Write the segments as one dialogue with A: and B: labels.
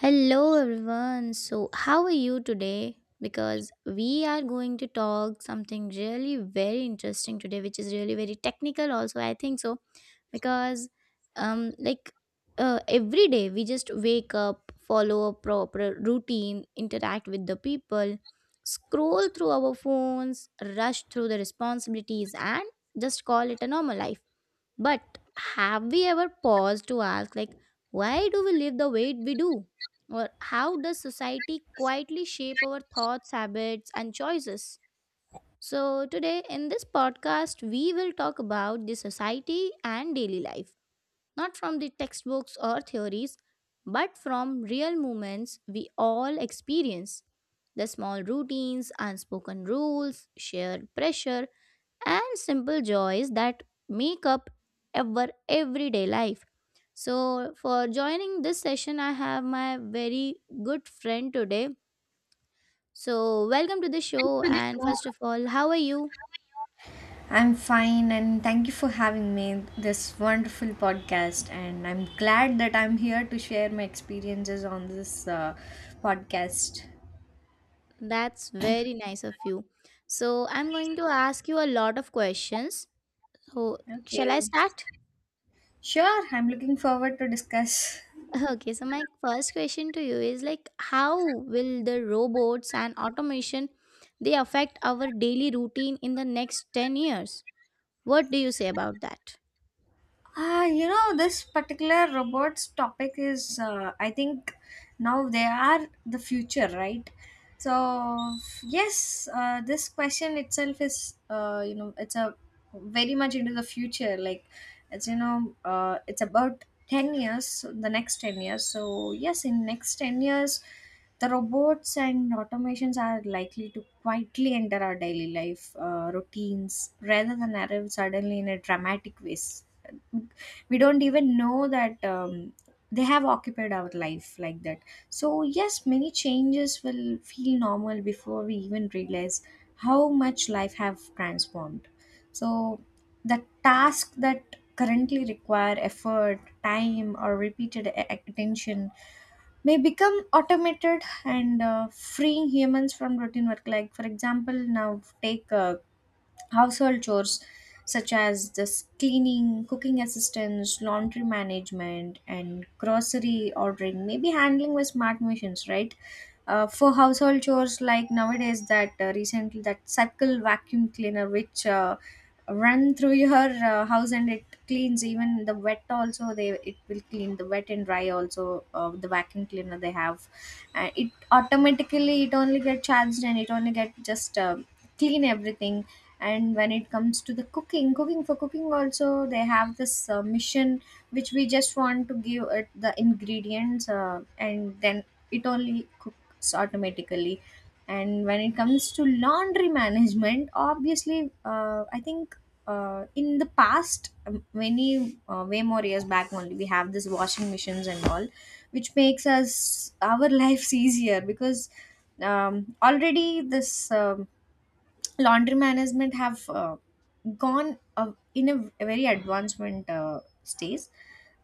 A: Hello everyone. So, how are you today? Because we are going to talk something really very interesting today, which is really very technical also, I think so, because um like every day we just wake up, follow a proper routine, interact with the people, scroll through our phones, rush through the responsibilities, and just call it a normal life. But have we ever paused to ask, why do we live the way we do? Or how does society quietly shape our thoughts, habits, and choices? So, today in this podcast, we will talk about the society and daily life, not from the textbooks or theories, but from real moments we all experience: the small routines, unspoken rules, shared pressure, and simple joys that make up our everyday life. So, for joining this session, I have my very good friend today. So, welcome to the
B: To
A: show.
B: the
A: And
B: show.
A: first of all, how are you?
B: I'm fine, and thank you for having me this wonderful podcast. And I'm glad that I'm here to share my experiences on this podcast.
A: That's very nice of you. So, I'm going to ask you a lot of questions. So,
B: Okay,
A: shall I start?
B: sure. I'm looking forward to discuss.
A: Okay, so my first question to you is, how will the robots and automation, they affect our daily routine in the next 10 years? What do you say about that?
B: Ah, you know, this particular robots topic is, I think, now they are the future, right? So yes, this question itself is, you know, it's a very much into the future. Like, it's it's about 10 years, so the next 10 years. So yes, in next 10 years, the robots and automations are likely to quietly enter our daily life routines rather than arrive suddenly in a dramatic ways. We don't even know that they have occupied our life like that. So yes, many changes will feel normal before we even realize how much life have transformed. So the task that currently require effort time or repeated attention may become automated and freeing humans from routine work. Like for example now take household chores such as this cleaning, cooking assistance, laundry management, and grocery ordering may be handling with smart machines, right? For household chores like nowadays, that recently that circle vacuum cleaner which run through your house, and it cleans even the wet also. They it will clean the wet and dry also. Uh, the vacuum cleaner they have, and it automatically it only get charged and it only get just clean everything. And when it comes to the cooking, cooking for cooking also they have this mission which we just want to give it the ingredients, and then it only cooks automatically. And when it comes to laundry management, obviously, I think in the past, many way more years back, only we have this washing machines and all, which makes us our lives easier. Because already this laundry management have gone in a very advancement stage.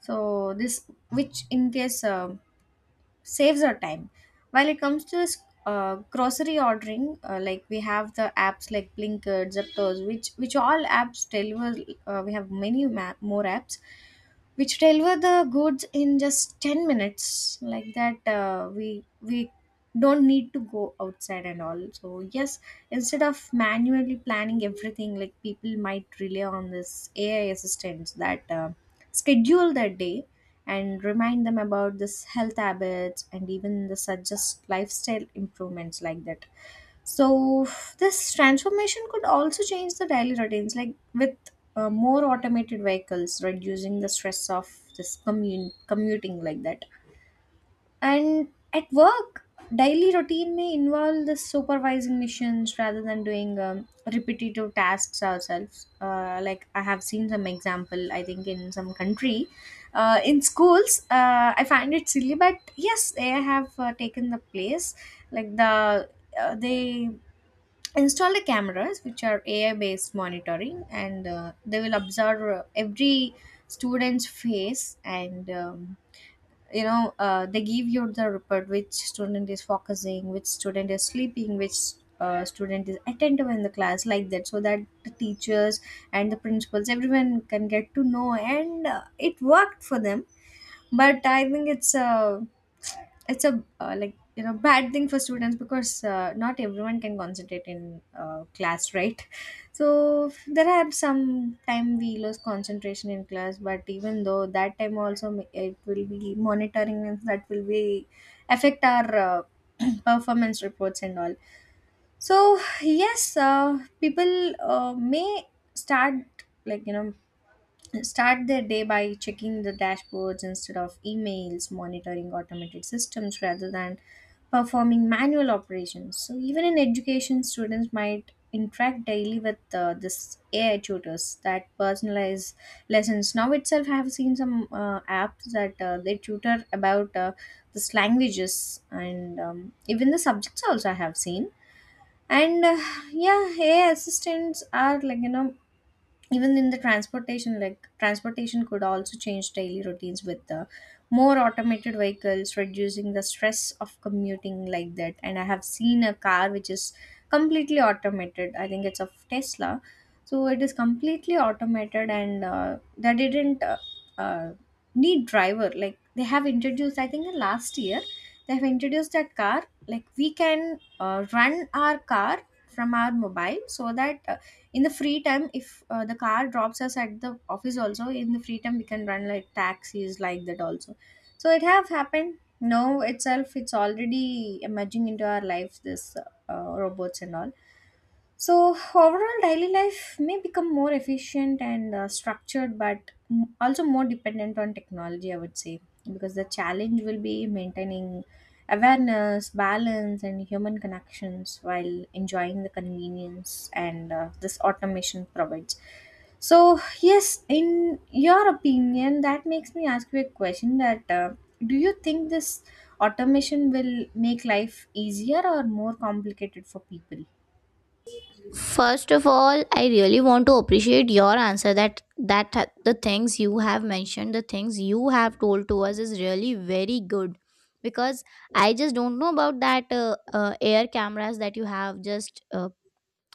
B: So this which in case saves our time. While it comes to this grocery ordering, like we have the apps like blinkit zeptos which all apps deliver. Uh, we have many more apps which deliver the goods in just 10 minutes, like that. Uh, we don't need to go outside and all. So yes, instead of manually planning everything, like people might rely on this ai assistants that schedule their day and remind them about this health habits and even the suggest lifestyle improvements, like that. So this transformation could also change the daily routines like with more automated vehicles reducing the stress of this commute commuting, like that. And at work, daily routine may involve the supervising missions rather than doing repetitive tasks ourselves. Like I have seen some example, I think in some country, in schools, I find it silly, but yes, they have taken the place. Like the they install the cameras which are AI based monitoring, and they will observe every student's face and. You know, they give you the report which student is focusing, which student is sleeping, which student is attentive in the class, like that, so that the teachers and the principals, everyone can get to know. And it worked for them, but I think it's a like you know, bad thing for students, because not everyone can concentrate in class, right? So there are some time we lose concentration in class, but even though that time also it will be monitoring, and that will be affect our performance reports and all. So yes, people may start, like you know, start their day by checking the dashboards instead of emails, monitoring automated systems rather than performing manual operations. So, even in education, students might interact daily with this AI tutors that personalize lessons. Now itself, I have seen some apps that they tutor about this languages, and even the subjects also I have seen. And yeah, AI assistants are, like you know, even in the transportation, like transportation could also change daily routines with the more automated vehicles reducing the stress of commuting, like that. And I have seen a car which is completely automated, I think it's of tesla. So it is completely automated, and they didn't uh, need driver. Like they have introduced, I think in last year, they have introduced that car, like we can run our car from our mobile, so that in the free time, if the car drops us at the office also, in the free time we can run like taxis, like that also. So it have happened, now itself it's already emerging into our lives, this robots and all. So, overall, daily life may become more efficient and structured, but also more dependent on technology, I would say, because the challenge will be maintaining awareness, balance, and human connections while enjoying the convenience and this automation provides. So, yes, in your opinion, that makes me ask you a question that do you think this automation will make life easier or more complicated for people?
A: First of all, I really want to appreciate your answer, the things you have mentioned, the things you have told to us is really very good, because I just don't know about that air cameras that you have just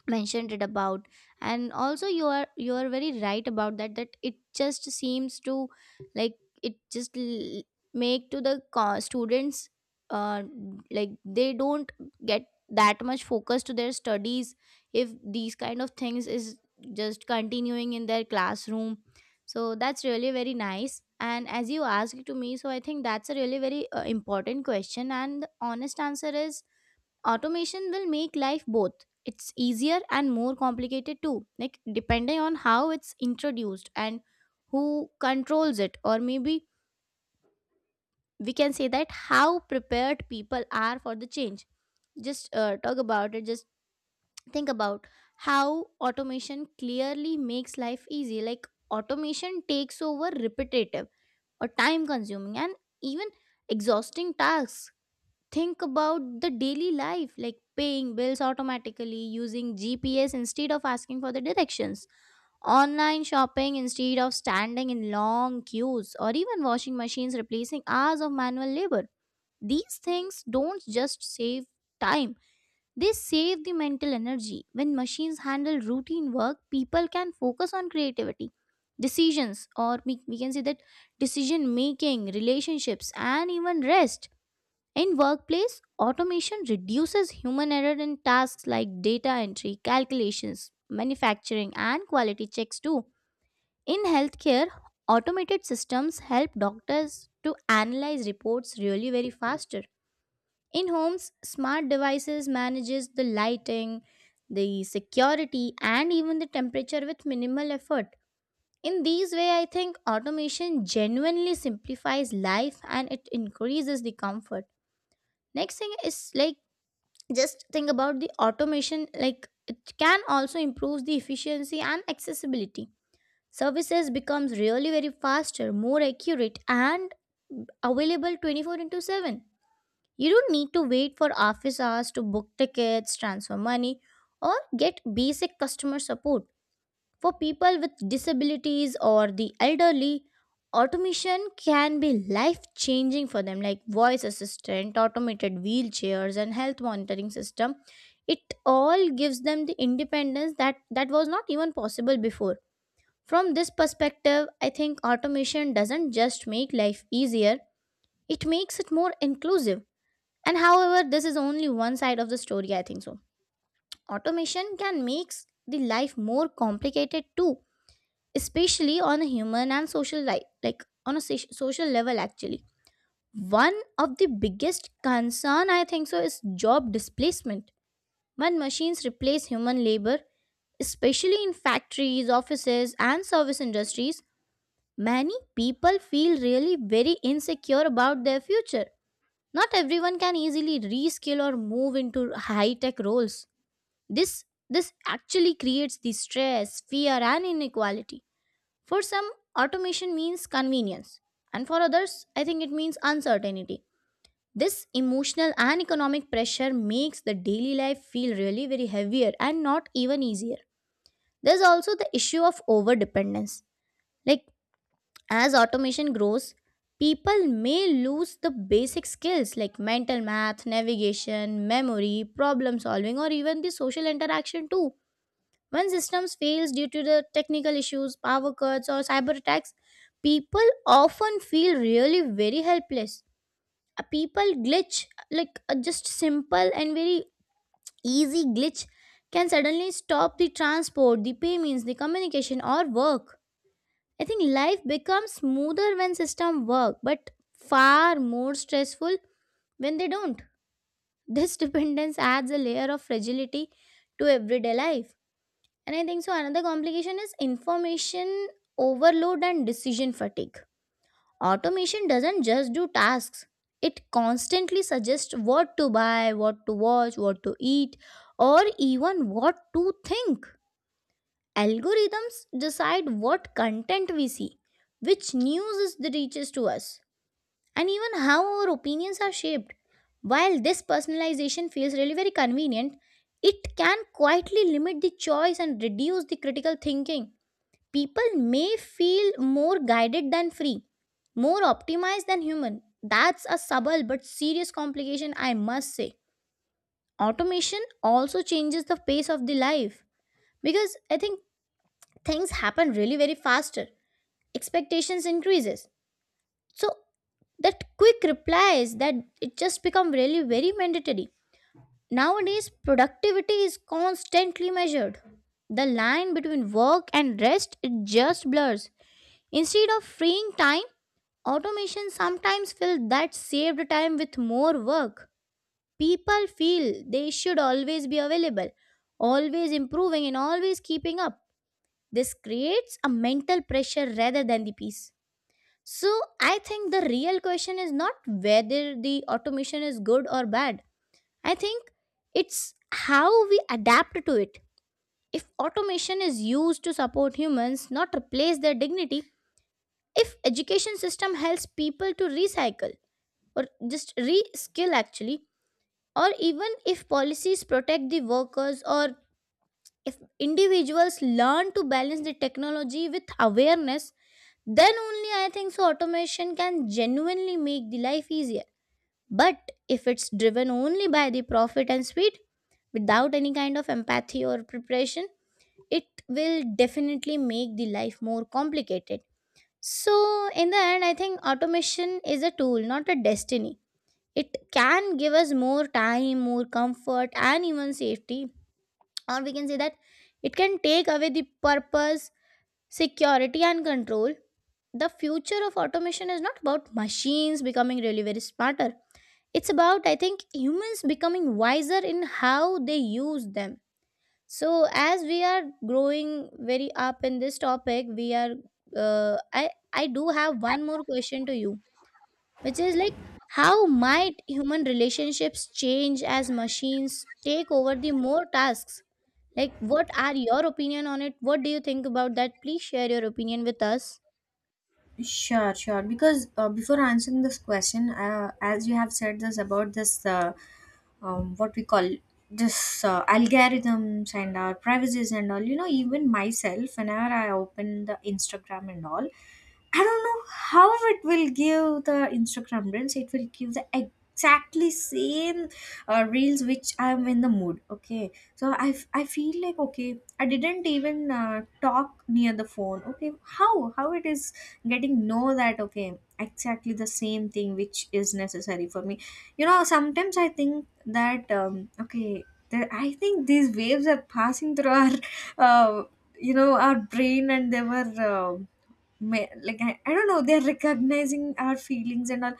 A: mentioned it about. And also, you are very right about that, it just seems to, like it just make to the students, uh like they don't get that much focus to their studies if these kind of things is just continuing in their classroom. So that's really very nice. And as you asked to me, so I think that's a really very important question, and the honest answer is automation will make life both. It's easier and more complicated too, like depending on how it's introduced and who controls it, or maybe we can say that how prepared people are for the change. Just talk about it, just think about how automation clearly makes life easy. Like, automation takes over repetitive or time consuming and even exhausting tasks. Think about the daily life, like paying bills automatically, using GPS instead of asking for the directions, online shopping instead of standing in long queues, or even washing machines replacing hours of manual labor. These things don't just save time, they save the mental energy. When machines handle routine work, people can focus on creativity, decisions, or we can say that decision making, relationships, and even rest. In workplace, automation reduces human error in tasks like data entry, calculations, manufacturing, and quality checks too. In healthcare, automated systems help doctors to analyze reports really very faster. In homes, smart devices manages the lighting, the security, and even the temperature with minimal effort. In these way, I think automation genuinely simplifies life and it increases the comfort. Next thing is, like, just think about the automation, like it can also improve the efficiency and accessibility. Services becomes really very faster, more accurate, and available 24 into 7. You don't need to wait for office hours to book tickets, transfer money, or get basic customer support. For people with disabilities or the elderly, automation can be life changing for them, like voice assistant, automated wheelchairs, and health monitoring system. It all gives them the independence that was not even possible before. From this perspective, I think automation doesn't just make life easier, it makes it more inclusive. And however, this is only one side of the story, I think so. Automation can make the life more complicated too, especially on a human and social life, like on a social level, actually. One of the biggest concern, I think so, is job displacement. When machines replace human labor, especially in factories, offices, and service industries, many people feel really very insecure about their future. Not everyone can easily reskill or move into high tech roles. This this actually creates the stress, fear, and inequality. For some, automation means convenience, and for others, I think it means uncertainty. This emotional and economic pressure makes the daily life feel really very heavier and not even easier. There's also the issue of overdependence. Like, as automation grows, people may lose the basic skills like mental math, navigation, memory, problem solving, or even the social interaction too. When systems fails due to the technical issues, power cuts, or cyber attacks, people often feel really very helpless. A people glitch, like a just simple and very easy glitch, can suddenly stop the transport, the payments, the communication, or work. I think life becomes smoother when system work, but far more stressful when they don't. This dependence adds a layer of fragility to everyday life. And I think so, another complication is information overload and decision fatigue. Automation doesn't just do tasks. It constantly suggests what to buy, what to watch, what to eat, or even what to think. Algorithms decide what content we see, which news is the reaches to us, and even how our opinions are shaped. While this personalization feels really very convenient, it can quietly limit the choice and reduce the critical thinking. People may feel more guided than free, more optimized than human. That's a subtle but serious complication, I must say. Automation also changes the pace of the life, because I think things happen really very faster. Expectations increases. So that quick replies that it just become really very mandatory. Nowadays productivity is constantly measured. The line between work and rest, it just blurs. Instead of freeing time, automation sometimes fills that saved time with more work. People feel they should always be available, always improving, and always keeping up. This creates a mental pressure rather than the peace. So, I think the real question is not whether the automation is good or bad. I think it's how we adapt to it. If automation is used to support humans, not replace their dignity, if education system helps people to recycle, or just re-skill actually, or even if policies protect the workers, or if individuals learn to balance the technology with awareness, then only I think so automation can genuinely make the life easier. But if it's driven only by the profit and speed, without any kind of empathy or preparation, it will definitely make the life more complicated. So, in the end, I think automation is a tool, not a destiny. It can give us more time, more comfort, and even safety, or we can say that it can take away the purpose, security, and control. The future of automation is not about machines becoming really very smarter, it's about, I think, humans becoming wiser in how they use them. So, as we are growing very up in this topic, we are uh, I I do have one more question to you, which is like, how might human relationships change as machines take over the more tasks? Like, what are your opinion on it? What do you think about that? Please share your opinion with us.
B: Sure, sure. Because before answering this question, as you have said this about this, what we call this algorithms and our privacies and all, you know, even myself, whenever I open the Instagram and all, I don't know how it will give the Instagram reels. It will give the exactly same reels which I'm in the mood. Okay, so I feel like, okay, I didn't even talk near the phone. Okay, how it is getting know that, okay, exactly the same thing which is necessary for me. You know, sometimes I think that, okay, there, I think these waves are passing through our uh, you know, our brain, and they were like I don't know, they're recognizing our feelings and all.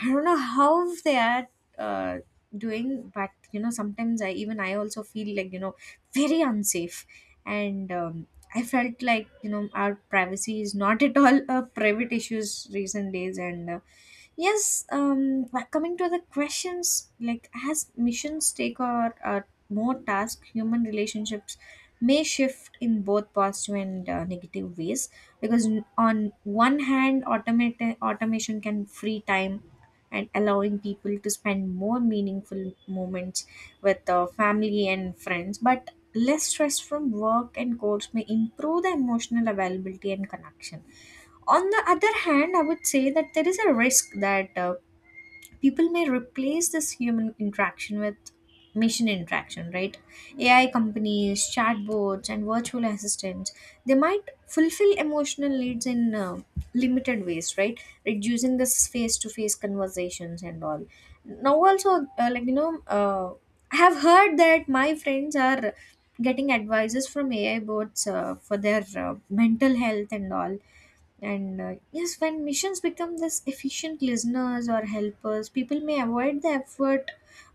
B: I don't know how they are uh, doing. But you know, sometimes i also feel like, you know, very unsafe. And I felt like, you know, our privacy is not at all a private issues recent days. And yes, um, but coming to the questions, like as missions take, or more tasks, human relationships may shift in both positive and negative ways. Because on one hand, automation can free time and allowing people to spend more meaningful moments with family and friends, but less stress from work and course may improve the emotional availability and connection. On the other hand, I would say that there is a risk that people may replace this human interaction with machine interaction, right? Ai companies, chatbots, and virtual assistants, they might fulfill emotional needs in limited ways, right? Reducing this face to face conversations and all. Now also, uh, like you know uh, I have heard that my friends are getting advices from ai bots for their mental health and all. And yes, when missions become this efficient listeners or helpers, people may avoid the effort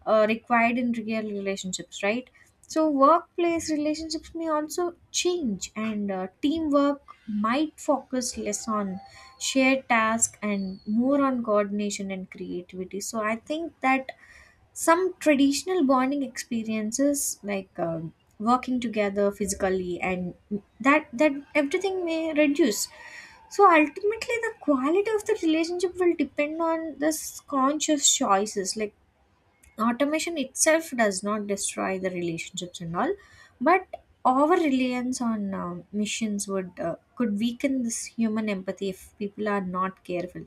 B: required in real relationships, right? So, workplace relationships may also change, and teamwork might focus less on shared tasks and more on coordination and creativity. So, I think that some traditional bonding experiences like working together physically and that that everything may reduce. So ultimately, the quality of the relationship will depend on this conscious choices. Like automation itself does not destroy the relationships and all, but over reliance on machines would could weaken this human empathy if people are not careful.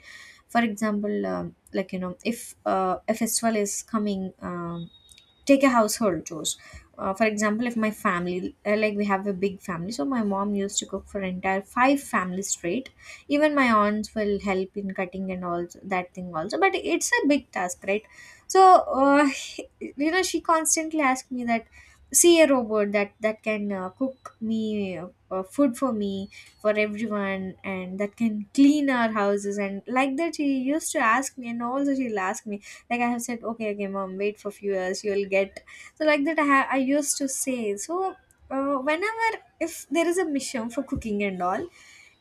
B: For example, if a festival is coming, take a household chores, for example, if my family, like we have a big family, so my mom used to cook for entire five families straight. Even my aunts will help in cutting and all that thing also, but it's a big task, right? So uh, you know, she constantly asked me that, see a robot that can cook me food for me, for everyone, and that can clean our houses and like that. She used to ask me, and also she'll ask me, like. I have said, okay okay mom, wait for few years, you'll get. So like that i used to say. So whenever, if there is a mission for cooking and all,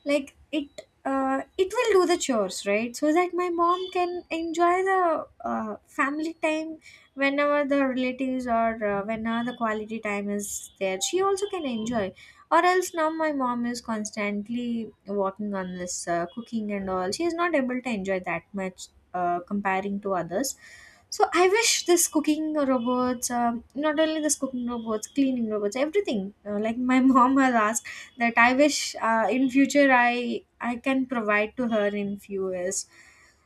B: like it will do the chores, right? So that my mom can enjoy the family time, whenever the relatives, or whenever the quality time is there, she also can enjoy. Or else now my mom is constantly working on this cooking and all, she is not able to enjoy that much, comparing to others. So I wish this cooking robots, not only this cooking robots, cleaning robots, everything. Like my mom has asked that I wish in future I can provide to her in few years.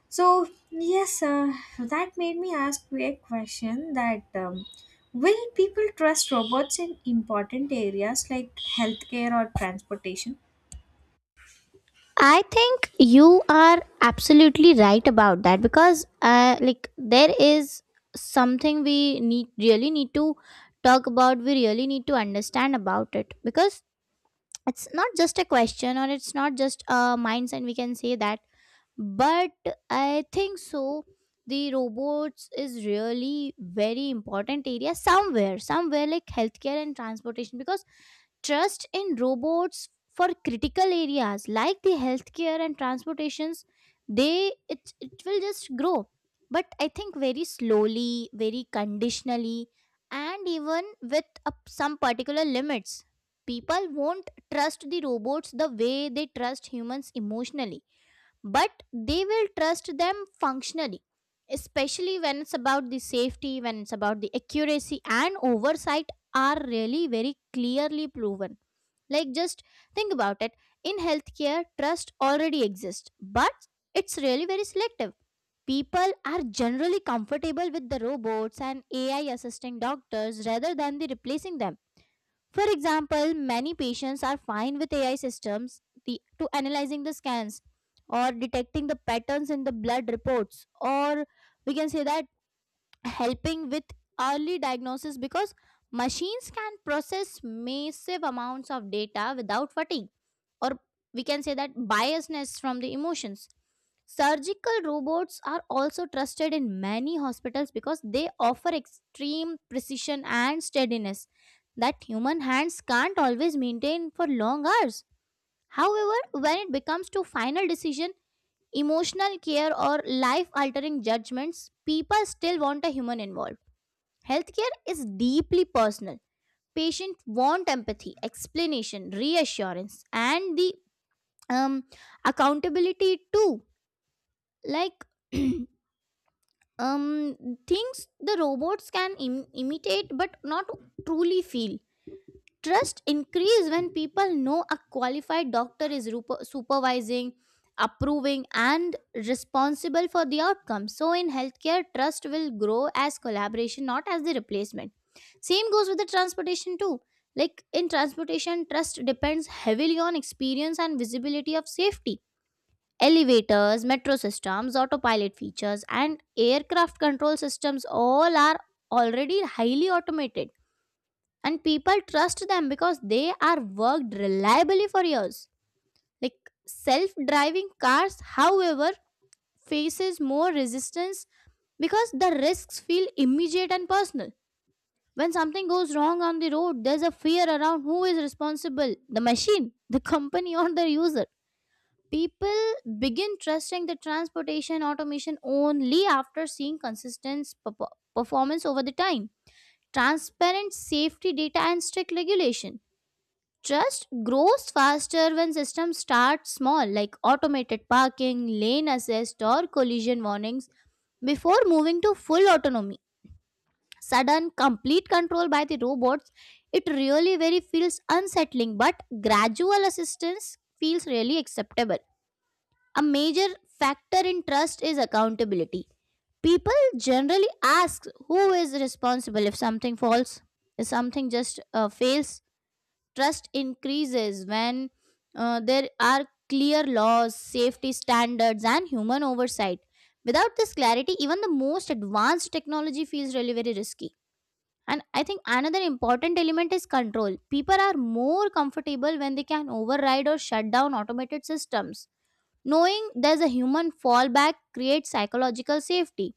B: So yes, that made me ask you a question that will people trust robots in important areas like healthcare or transportation?
A: I think you are absolutely right about that, because, like, there is something we need really need to talk about, we really need to understand about it, because it's not just a question, or it's not just a mindset, we can say that. But I think so, the robots is really very important area somewhere, somewhere like healthcare and transportation, because trust in robots for critical areas like the healthcare and transportations, it will just grow. But I think very slowly, very conditionally, and even with some particular limits. People won't trust the robots the way they trust humans emotionally, but they will trust them functionally, especially when it's about the safety, when it's about the accuracy, and oversight are really very clearly proven. Like, just think about it. In healthcare trust already exists, but it's really very selective. People are generally comfortable with the robots and AI assisting doctors rather than the replacing them. For example, many patients are fine with AI systems to analyzing the scans or detecting the patterns in the blood reports, or we can say that helping with early diagnosis, because machines can process massive amounts of data without fatigue, or we can say that biasness from the emotions. Surgical robots are also trusted in many hospitals because they offer extreme precision and steadiness that human hands can't always maintain for long hours. However, when it comes to final decision, emotional care or life altering judgments, people still want a human involved. Healthcare is deeply personal. Patients want empathy, explanation, reassurance, and the um, accountability too. Like um, things the robots can imitate but not truly feel. Trust increase when people know a qualified doctor is supervising, approving and responsible for the outcome. So in healthcare, trust will grow as collaboration, not as the replacement. Same goes with the transportation too. In transportation, trust depends heavily on experience and visibility of safety. Elevators, metro systems, autopilot features and aircraft control systems all are already highly automated, and people trust them because they are worked reliably for years. like Self-driving cars, however, faces more resistance because the risks feel immediate and personal. When something goes wrong on the road, there's a fear around who is responsible: the machine, the company, or the user. People begin trusting the transportation automation only after seeing consistent performance over the time, transparent safety data and strict regulation. Trust grows faster when systems start small, like automated parking, lane assist, or collision warnings, before moving to full autonomy. Sudden, complete control by the robots, it really very feels unsettling, but gradual assistance feels really acceptable. A major factor in trust is accountability. People generally ask who is responsible if something falls, if something just fails. Trust increases when there are clear laws, safety standards, and human oversight. Without this clarity, even the most advanced technology feels really very risky. And I think another important element is control. People are more comfortable when they can override or shut down automated systems. Knowing there's a human fallback creates psychological safety.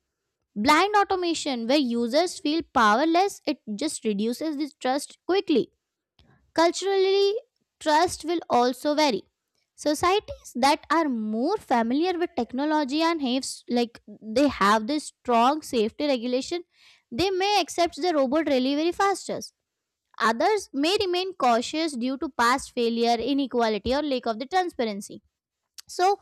A: Blind automation, where users feel powerless, it just reduces this trust quickly. Culturally, trust will also vary. Societies that are more familiar with technology and have like they have this strong safety regulation, they may accept the robot delivery faster. Others may remain cautious due to past failure, inequality, or lack of the transparency. So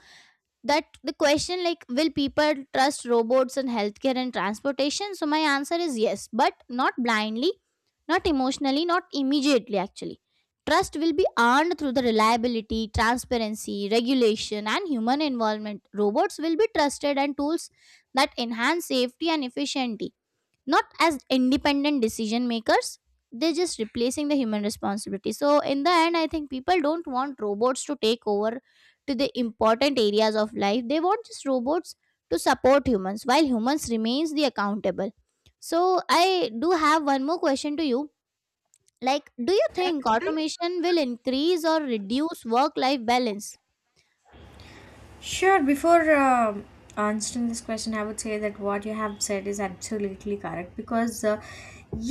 A: that the question, like, will people trust robots in healthcare and transportation? So my answer is yes, but not blindly, not emotionally, not immediately. Actually, trust will be earned through the reliability, transparency, regulation and human involvement. Robots will be trusted and tools that enhance safety and efficiency, not as independent decision makers. They're just replacing the human responsibility. So in the end, I think people don't want robots to take over to the important areas of life. They want just robots to support humans while humans remains the accountable. So I do have one more question to you, like, do you think automation will increase or reduce work life balance?
B: Sure, before answering this question, I would say that what you have said is absolutely correct because,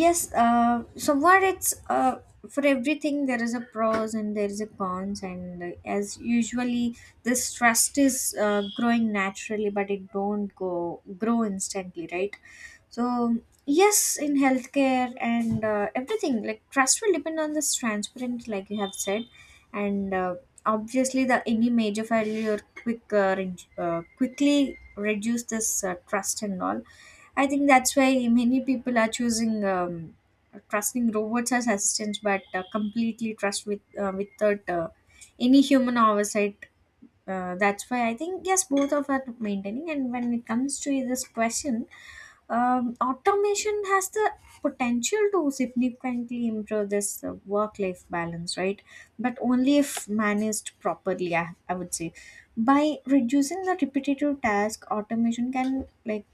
B: yes, somewhat it's for everything there is a pros and there is a cons, and as usually this trust is growing naturally, but it don't go grow instantly, right? So yes, in healthcare and everything, like trust will depend on this transparent, like you have said, and obviously the any major failure quick quickly reduce this trust and all. I think that's why many people are choosing trusting robots as assistants, but completely trust with without any human oversight. That's why I think yes, both of are maintaining. And when it comes to this question, automation has the potential to significantly improve this work-life balance, right? But only if managed properly, I would say. By reducing the repetitive task, automation can like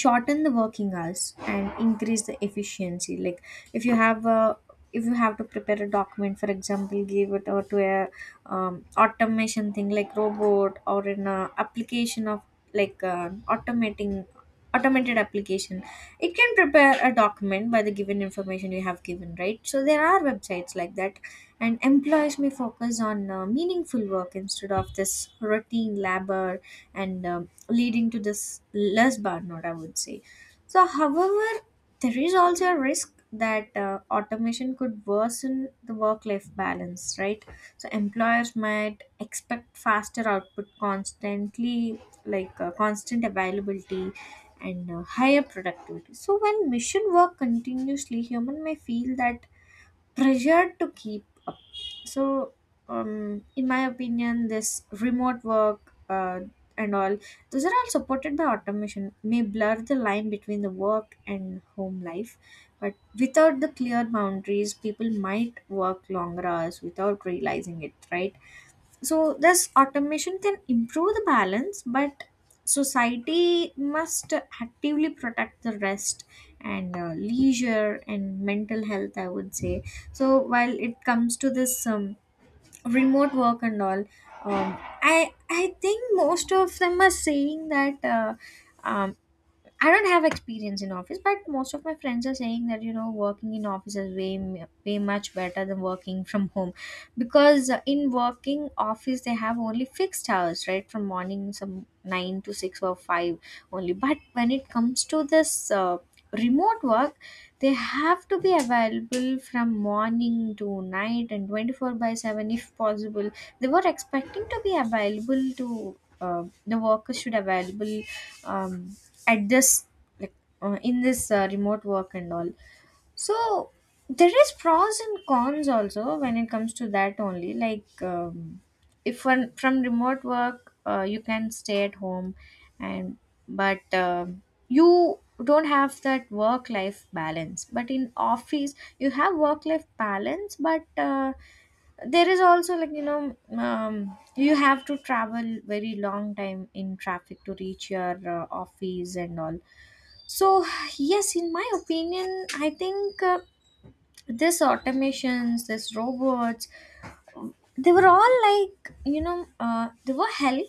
B: shorten the working hours and increase the efficiency like if you have a if you have to prepare a document, for example, give it over to a automation thing like robot or an application of like automating automated application. It can prepare a document by the given information you have given, right? So there are websites like that. And employers may focus on meaningful work instead of this routine labor, and leading to this less burnout, I would say. So, however, there is also a risk that automation could worsen the work life balance, right? So, employers might expect faster output constantly, like constant availability and higher productivity. So, when mission work continuously, human may feel that pressure to keep up. So in my opinion this remote work and all, those are all supported by automation, may blur the line between the work and home life. But without the clear boundaries, people might work longer hours without realizing it, right? So this automation can improve the balance, but society must actively protect the rest and leisure and mental health, I would say. So while it comes to this remote work and all, um, I think most of them are saying that um, I don't have experience in office, but most of my friends are saying that, you know, working in office is way way much better than working from home, because in working office they have only fixed hours, right, from morning some 9 to 6 or 5 only. But when it comes to this remote work, they have to be available from morning to night and 24/7 if possible. They were expecting to be available to, the workers should available. Um, at this like in this remote work and all. So there is pros and cons also when it comes to that only, like, if one from remote work, you can stay at home and but you don't have that work life balance, but in office you have work life balance, but there is also, like, you know, you have to travel very long time in traffic to reach your office and all. So, yes, in my opinion, I think this automations, this robots, they were all, like, you know, they were hell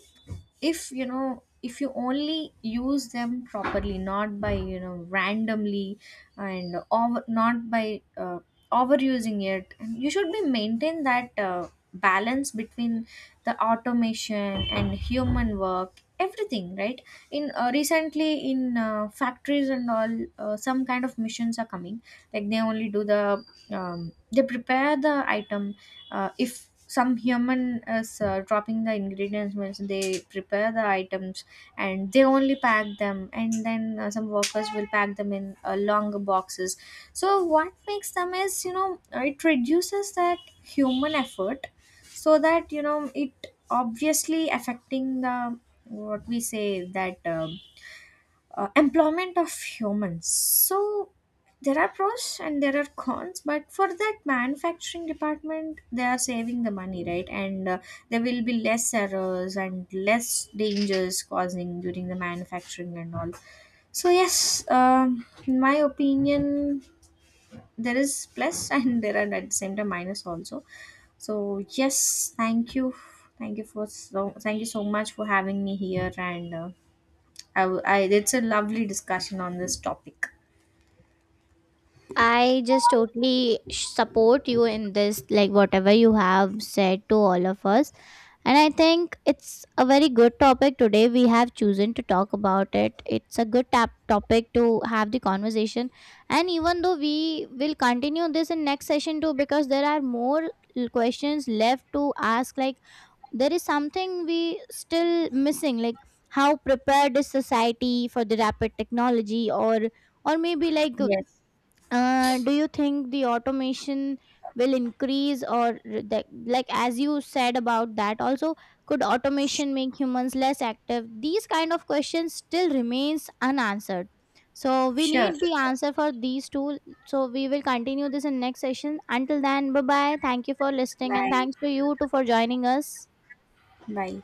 B: if you know if you only use them properly, not by, you know, randomly and over, not by overusing it. And you should be maintain that balance between the automation and human work, everything, right? In recently in factories and all, some kind of missions are coming like they only do the they prepare the item. If some human is dropping the ingredients means they prepare the items, and they only pack them, and then some workers will pack them in longer boxes. So what makes them is, you know, it reduces that human effort. So that, you know, it obviously affecting the what we say that employment of humans. So there are pros and there are cons, but for that manufacturing department, they are saving the money, right? And there will be less errors and less dangers causing during the manufacturing and all. So yes, in my opinion, there is plus and there are at the same time minus also. So yes, thank you for so thank you so much for having me here. And I, w- I it's a lovely discussion on this topic.
A: I just totally support you in this, like, whatever you have said to all of us. And I think it's a very good topic today we have chosen to talk about. It. It's a good topic to have the conversation. And even though we will continue this in next session too, because there are more questions left to ask. Like, there is something we still missing. Like, how prepared is society for the rapid technology, or maybe like
B: Yes,
A: do you think the automation will increase or the, like as you said about that also, could automation make humans less active? These kind of questions still remains unanswered, so we
B: sure.
A: need the answer for these two. So we will continue this in next session. Until then, bye bye, thank you for listening and
B: Bye.
A: thanks to you too for joining us.
B: Bye.